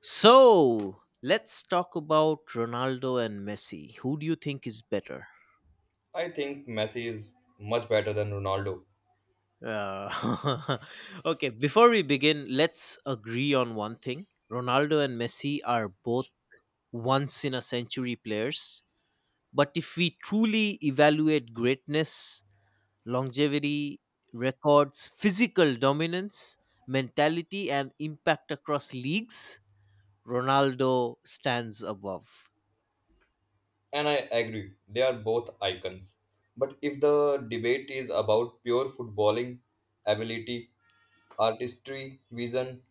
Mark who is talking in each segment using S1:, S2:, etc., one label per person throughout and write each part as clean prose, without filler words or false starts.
S1: So let's talk about Ronaldo and Messi. Who do you think is better?
S2: I think Messi is much better than Ronaldo,
S1: Uh, okay, before we begin, let's agree on one thing Ronaldo and Messi are both once in a century players. But if we truly evaluate greatness, longevity, records, physical dominance, mentality, and impact across leagues, Ronaldo stands above.
S2: and I agree, they are both icons. But if the debate is about pure footballing ability, artistry, vision,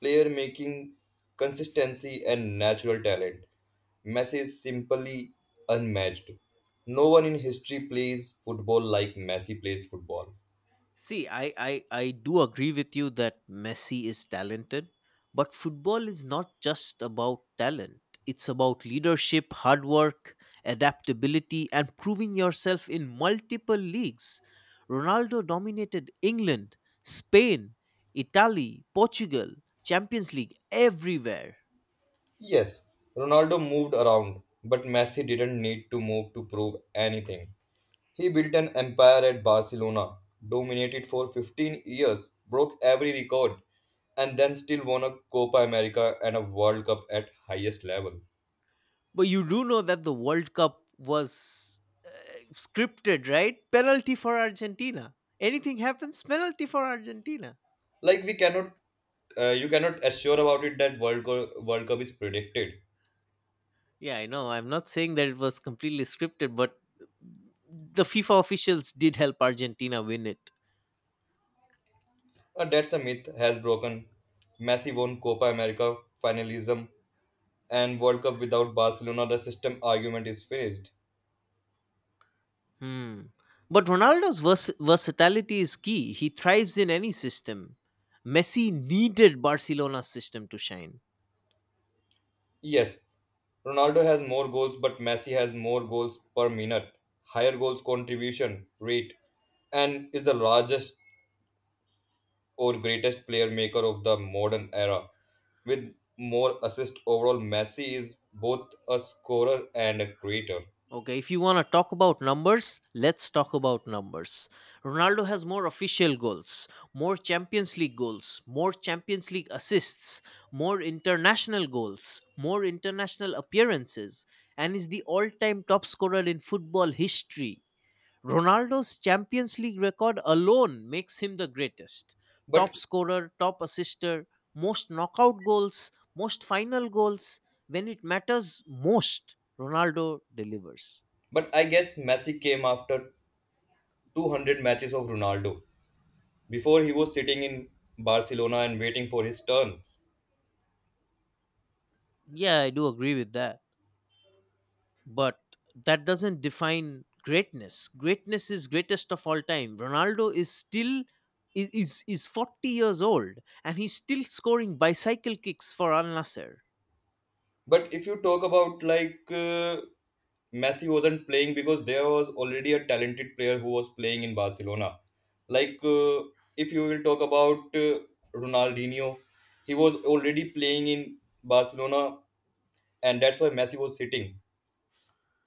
S2: player making, consistency, and natural talent, Messi is simply unmatched. No one in history plays football like Messi plays football.
S1: See, I do agree with you that Messi is talented, but football is not just about talent. It's about leadership, hard work, adaptability, and proving yourself in multiple leagues. Ronaldo dominated England, Spain, Italy, Portugal, Champions League, everywhere.
S2: Yes, Ronaldo moved around, but Messi didn't need to move to prove anything. He built an empire at Barcelona, dominated for 15 years, broke every record, and then still won a Copa America and a World Cup at highest level.
S1: But you do know that the World Cup was uh, scripted, right? Penalty for Argentina. Anything happens, penalty for Argentina.
S2: Like we cannot, You cannot assure about it that World Cup is predicted.
S1: Yeah, I know. I'm not saying that it was completely scripted, but the FIFA officials did help Argentina win it.
S2: That's a myth has broken. Messi won Copa America finalism and World Cup without Barcelona. The system argument is finished.
S1: Hmm. But versatility is key. He thrives in any system. Messi needed Barcelona's system to shine.
S2: Yes, Ronaldo has more goals, but Messi has more goals per minute, higher goals contribution rate, and is the largest or greatest player maker of the modern era. With more assists overall, Messi is both a scorer and a creator.
S1: Okay, if you want to talk about numbers, let's talk about numbers. Ronaldo has more official goals, more Champions League goals, more Champions League assists, more international goals, more international appearances, and is the all time top scorer in football history. Ronaldo's Champions League record alone makes him the greatest. Top
S2: But
S1: scorer, top assister, most knockout goals, most final goals. When it matters most, Ronaldo delivers.
S2: but I guess Messi came after 200 matches of Ronaldo. Before he was sitting in Barcelona and waiting for his turns.
S1: Yeah, I do agree with that. But that doesn't define greatness. Greatness is greatest of all time. Ronaldo is still is 40 years old and he's still scoring bicycle kicks for Al Nasser.
S2: But if you talk about Messi wasn't playing because there was already a talented player who was playing in Barcelona. Like uh, if you will talk about Ronaldinho, he was already playing in Barcelona, and that's why Messi was sitting.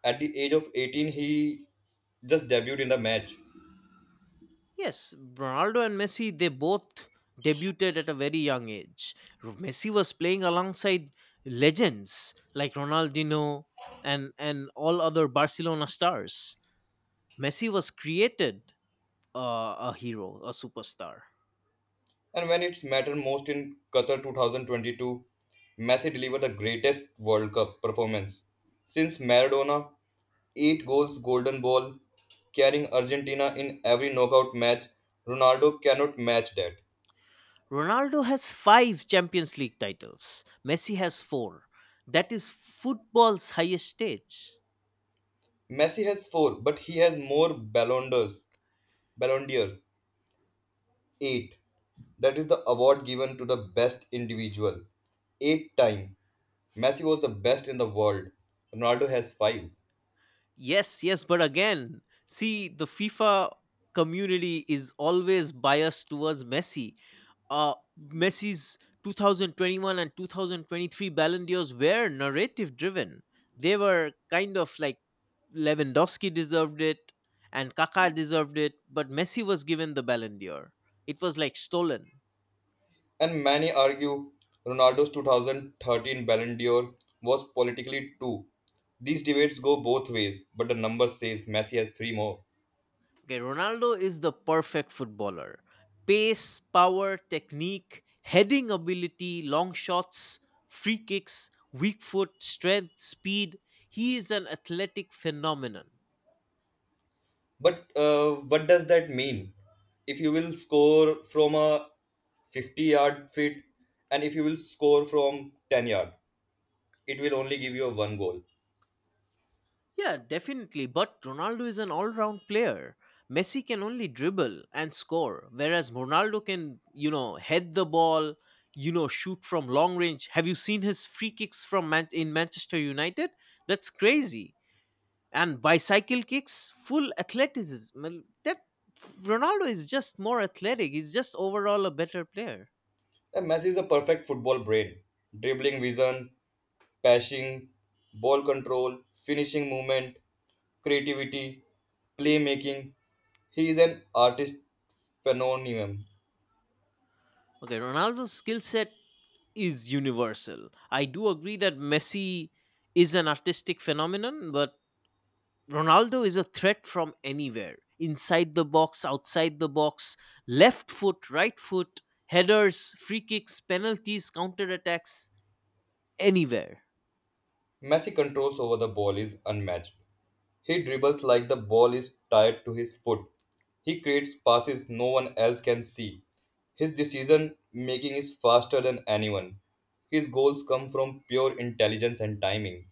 S2: At the age of 18, he just debuted in the match.
S1: Yes, Ronaldo and Messi they both debuted at a very young age. Messi was playing alongside legends like Ronaldinho and all other Barcelona stars. Messi was created a hero, a superstar.
S2: And when it's mattered most in Qatar 2022, Messi delivered the greatest World Cup performance since Maradona 8 goals golden ball, carrying Argentina in every knockout match. Ronaldo cannot match that.
S1: Ronaldo has five Champions League titles, Messi has four. That is football's highest stage.
S2: Messi has four, but he has more Ballon d'Ors. Ballon d'Ors, 8. That is the award given to the best individual. Eight time. Messi was the best in the world. Ronaldo has five.
S1: Yes, yes, but again, see, the FIFA community is always biased towards Messi. Messi's 2021 and 2023 Ballon d'Ors were narrative driven. They were kind of like Lewandowski deserved it and Kaká deserved it, but Messi was given the Ballon d'Or. It was like stolen.
S2: And many argue Ronaldo's 2013 Ballon d'Or was politically too. These debates go both ways, but the number says Messi has three more.
S1: Okay, Ronaldo is the perfect footballer. Pace, power, technique, heading ability, long shots, free kicks, weak foot, strength, speed. He is an athletic phenomenon.
S2: But what does that mean? If you will score from a 50-yard fit and if you will score from 10 yard, it will only give you a one goal.
S1: Yeah, definitely, but Ronaldo is an all round player. Messi can only dribble and score, whereas Ronaldo can, you know, head the ball, you know, shoot from long range. Have you seen his free kicks from in Manchester United? That's crazy and bicycle kicks, full athleticism. Well, that Ronaldo is just more athletic. He's just overall a better player.
S2: And Messi is a perfect football brain. Dribbling vision, passing, ball control, finishing movement, creativity, playmaking. He is an artist phenomenon.
S1: Okay, Ronaldo's skill set is universal. I do agree that Messi is an artistic phenomenon, but Ronaldo is a threat from anywhere. Inside the box, outside the box, left foot, right foot, headers, free kicks, penalties, counter attacks, anywhere.
S2: Messi controls over the ball is unmatched. He dribbles like the ball is tied to his foot. He creates passes no one else can see. His decision making is faster than anyone. His goals come from pure intelligence and timing.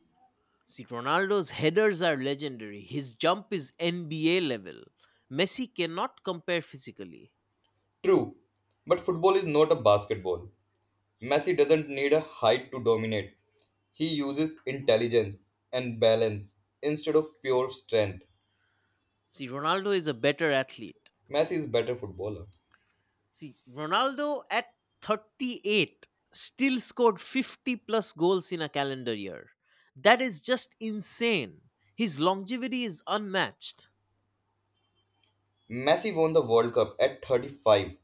S1: See, Ronaldo's headers are legendary. His jump is NBA level. Messi cannot compare physically.
S2: True, but football is not a basketball. Messi doesn't need a height to dominate. He uses intelligence and balance instead of pure strength.
S1: See, Ronaldo is a better athlete.
S2: Messi is better footballer.
S1: See, Ronaldo at 38 still scored 50 plus goals in a calendar year. That is just insane. His longevity is unmatched.
S2: Messi won the World Cup at 35,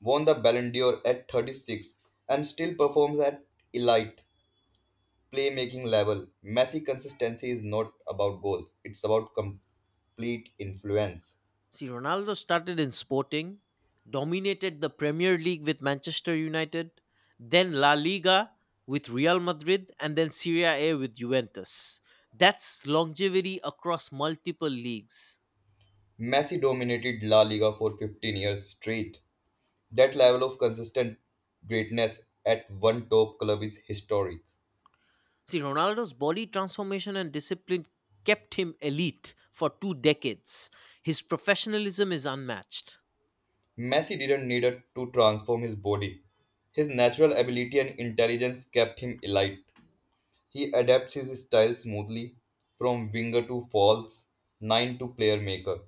S2: won the Ballon d'Or at 36, and still performs at elite playmaking level. Messi consistency is not about goals, it's about complete influence.
S1: See, Ronaldo started in Sporting, dominated the Premier League with Manchester United, then La Liga with Real Madrid, and then Serie A with Juventus. That's longevity across multiple leagues.
S2: Messi dominated La Liga for 15 years straight. That level of consistent greatness at one top club is historic.
S1: See, Ronaldo's body transformation and discipline kept him elite for two decades. His professionalism is unmatched.
S2: Messi didn't need to transform his body. His natural ability and intelligence kept him elite. He adapts his style smoothly, from winger to false nine to player maker.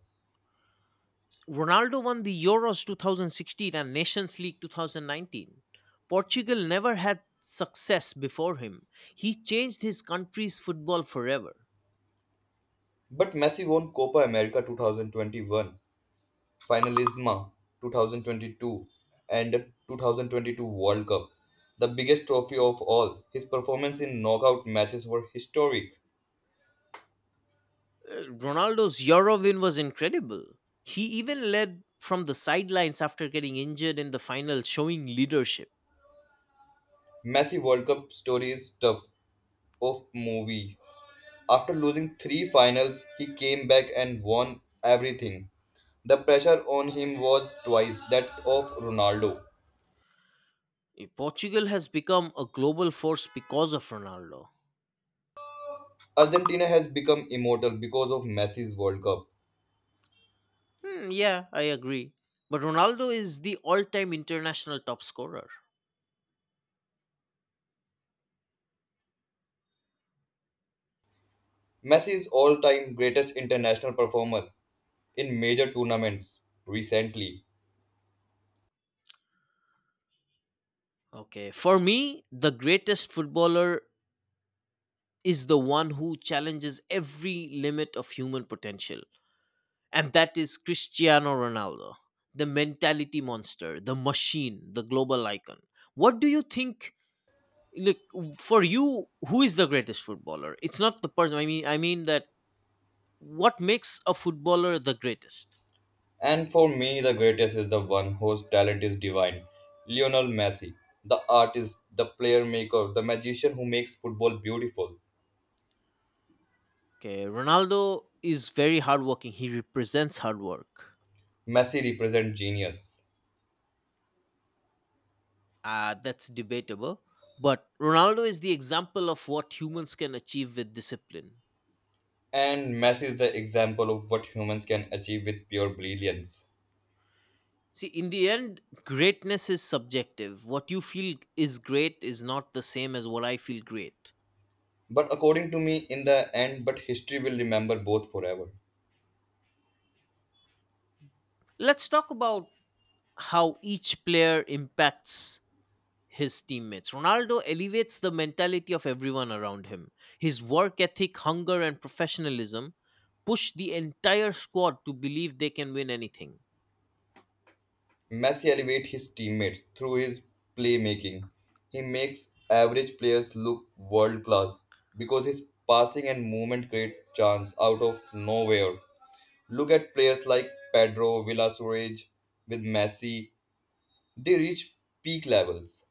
S1: Ronaldo won the Euros 2016 and Nations League 2019. Portugal never had success before him. He changed his country's football forever.
S2: But Messi won Copa America 2021, Finalisma 2022, and 2022 World Cup, the biggest trophy of all. His performance in knockout matches were historic.
S1: Ronaldo's Euro win was incredible. He even led from the sidelines after getting injured in the final, showing leadership.
S2: Messi World Cup story is tough of movies. After losing three finals, he came back and won everything. The pressure on him was twice that of Ronaldo.
S1: Portugal has become a global force because of Ronaldo.
S2: Argentina has become immortal because of Messi's World Cup.
S1: Hmm, yeah, I agree. But Ronaldo is the all time international top scorer.
S2: Messi is all-time greatest international performer in major tournaments recently,
S1: Okay. For me, the greatest footballer is the one who challenges every limit of human potential. And that is Cristiano Ronaldo, the mentality monster, the machine, the global icon. What do you think? Look, for you, who is the greatest footballer? It's not the person. I mean that what makes a footballer the greatest?
S2: and for me the greatest is the one whose talent is divine, Lionel Messi, the artist, the player maker, the magician who makes football beautiful.
S1: Okay, Ronaldo is very hardworking. He represents hard work.
S2: Messi represents genius,
S1: That's debatable. But Ronaldo is the example of what humans can achieve with discipline.
S2: and Messi is the example of what humans can achieve with pure brilliance.
S1: See, in the end, greatness is subjective. What you feel is great is not the same as what I feel great.
S2: But according to me, in the end, but history will remember both forever.
S1: Let's talk about how each player impacts his teammates. Ronaldo elevates the mentality of everyone around him. His work ethic, hunger, and professionalism push the entire squad to believe they can win anything.
S2: Messi elevates his teammates through his playmaking. He makes average players look world class because his passing and movement create chance out of nowhere. Look at players like Pedro Villasurage with Messi, they reach peak levels.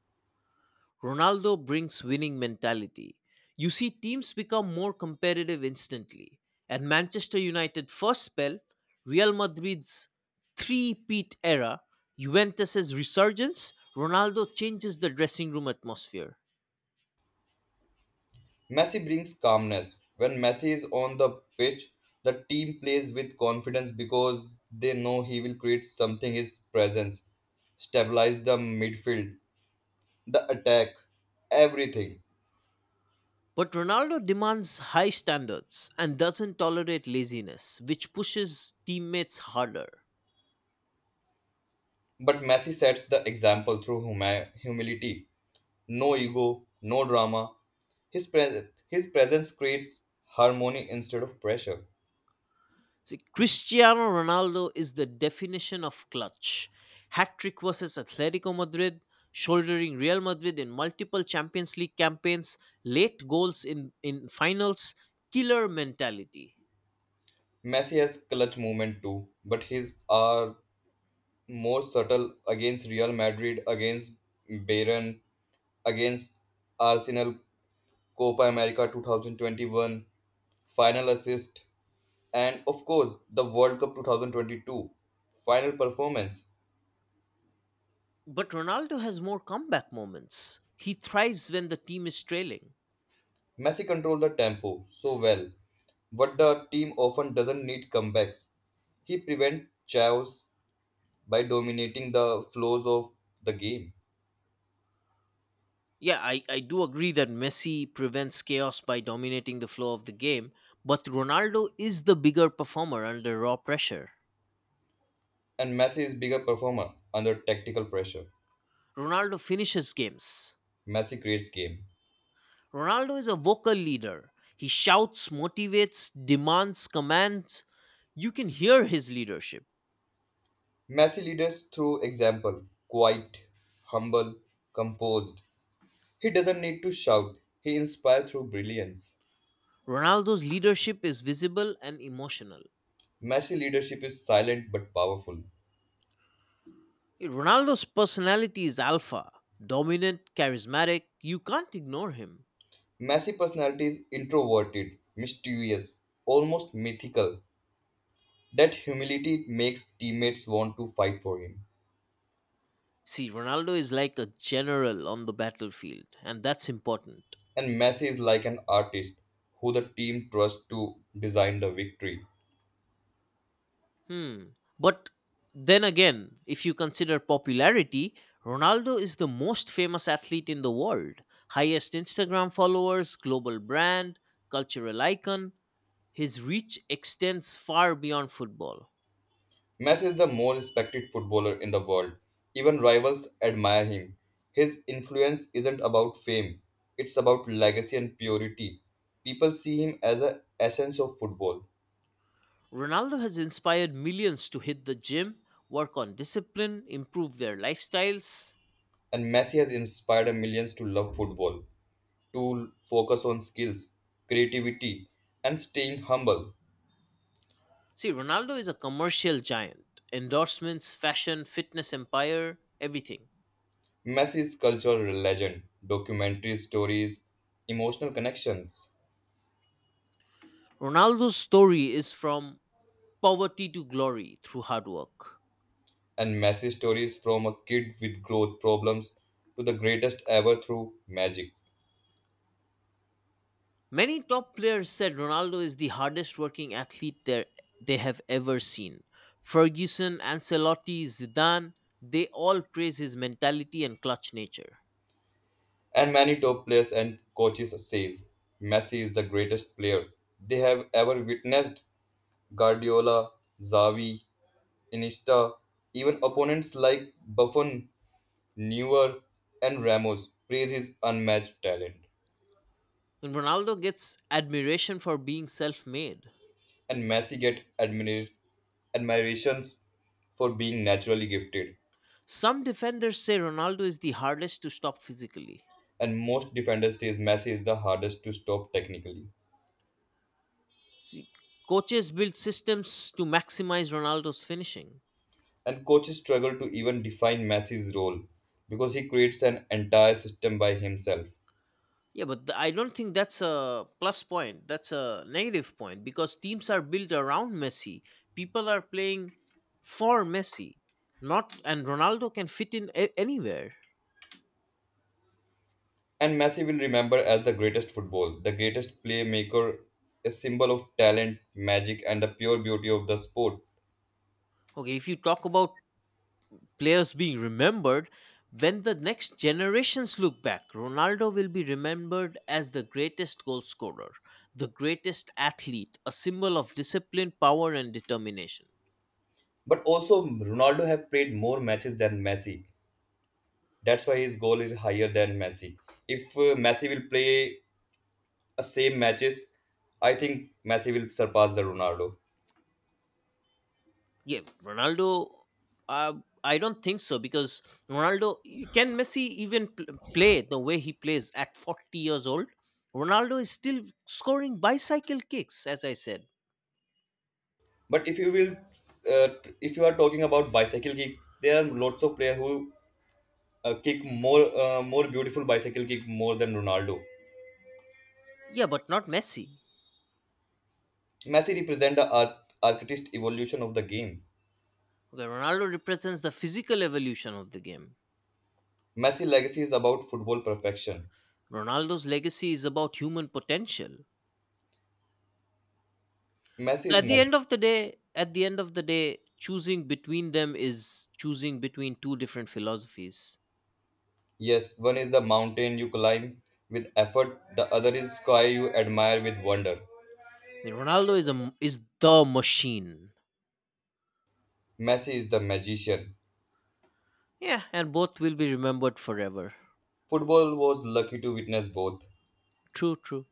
S1: Ronaldo brings winning mentality. You see teams become more competitive instantly. At Manchester United first spell, Real Madrid's three-peat era, Juventus's resurgence, Ronaldo changes the dressing room atmosphere.
S2: Messi brings calmness. When Messi is on the pitch, the team plays with confidence because they know he will create something his presence, stabilize the midfield the attack, everything.
S1: But Ronaldo demands high standards and doesn't tolerate laziness, which pushes teammates harder.
S2: But Messi sets the example through humility. No ego, no drama. His presence creates harmony instead of pressure.
S1: See, Cristiano Ronaldo is the definition of clutch. Hat trick versus Atletico Madrid, shouldering Real Madrid in multiple Champions League campaigns, late goals in finals, killer mentality.
S2: Messi has clutch movement too, but his are more subtle against Real Madrid, against Bayern, against Arsenal Copa America 2021, final assist, and of course the World Cup 2022 final performance.
S1: But Ronaldo has more comeback moments. He thrives when the team is trailing.
S2: Messi controlled the tempo so well, but the team often doesn't need comebacks. He prevents chaos by dominating the flows of the game.
S1: Yeah, I do agree that Messi prevents chaos by dominating the flow of the game, but Ronaldo is the bigger performer under raw pressure.
S2: And Messi is bigger performer under tactical pressure.
S1: Ronaldo finishes games.
S2: Messi creates game.
S1: Ronaldo is a vocal leader. He shouts, motivates, demands, commands. You can hear his leadership.
S2: Messi leads through example, quiet, humble, composed. He doesn't need to shout. He inspires through brilliance.
S1: Ronaldo's leadership is visible and emotional.
S2: Messi leadership is silent but powerful.
S1: Ronaldo's personality is alpha, dominant, charismatic. You can't ignore him.
S2: Messi personality is introverted, mysterious, almost mythical. That humility makes teammates want to fight for him.
S1: See, Ronaldo is like a general on the battlefield, and that's important.
S2: And Messi is like an artist who the team trusts to design the victory.
S1: Hmm. But then again, if you consider popularity, Ronaldo is the most famous athlete in the world. Highest Instagram followers, global brand, cultural icon. His reach extends far beyond football.
S2: Messi is the most respected footballer in the world. Even rivals admire him. His influence isn't about fame, it's about legacy and purity. People see him as an essence of football.
S1: Ronaldo has inspired millions to hit the gym, work on discipline, improve their lifestyles.
S2: And Messi has inspired millions to love football, to focus on skills, creativity, and staying humble.
S1: See, Ronaldo is a commercial giant. Endorsements, fashion, fitness empire, everything.
S2: Messi's cultural legend, documentary stories, emotional connections,
S1: Ronaldo's story is from poverty to glory through hard work.
S2: and Messi stories from a kid with growth problems to the greatest ever through magic.
S1: Many top players said Ronaldo is the hardest working athlete they have ever seen. Ferguson, Ancelotti, Zidane, they all praise his mentality and clutch nature.
S2: And many top players and coaches says Messi is the greatest player they have ever witnessed. Guardiola, Xavi, Iniesta, even opponents like Buffon, Neuer, and Ramos praise his unmatched talent.
S1: And Ronaldo gets admiration for being self made.
S2: And Messi get admirations for being naturally gifted.
S1: Some defenders say Ronaldo is the hardest to stop physically.
S2: And most defenders says Messi is the hardest to stop technically.
S1: See, coaches build systems to maximize Ronaldo's finishing.
S2: And coaches struggle to even define Messi's role because he creates an entire system by himself.
S1: Yeah, but I don't think that's a plus point. That's a negative point because teams are built around Messi. People are playing for Messi, not and Ronaldo can fit in anywhere.
S2: And Messi will remember as the greatest football, the greatest playmaker, a symbol of talent, magic, and the pure beauty of the sport.
S1: Okay, if you talk about players being remembered, when the next generations look back, Ronaldo will be remembered as the greatest goal scorer, the greatest athlete, a symbol of discipline, power, and determination.
S2: But also, Ronaldo have played more matches than Messi. That's why his goal is higher than Messi. If Messi will play same matches, I think Messi will surpass the Ronaldo.
S1: Yeah, Ronaldo. Uh, I don't think so because Ronaldo can Messi even play the way he plays at 40 years old. Ronaldo is still scoring bicycle kicks, as I said.
S2: But if you will, uh, if you are talking about bicycle kick, there are lots of players who kick more more beautiful bicycle kick more than Ronaldo.
S1: Yeah, but not Messi.
S2: Messi represents the art, artist evolution of the game.
S1: Okay, Ronaldo represents the physical evolution of the game.
S2: Messi legacy is about football perfection.
S1: Ronaldo's legacy is about human potential.
S2: Messi
S1: So
S2: is Messi.
S1: at the end of the day, choosing between them is choosing between two different philosophies.
S2: Yes, one is the mountain you climb with effort, the other is sky you admire with wonder.
S1: I mean, Ronaldo is is the machine.
S2: Messi is the magician.
S1: Yeah, and both will be remembered forever.
S2: Football was lucky to witness both.
S1: True, true.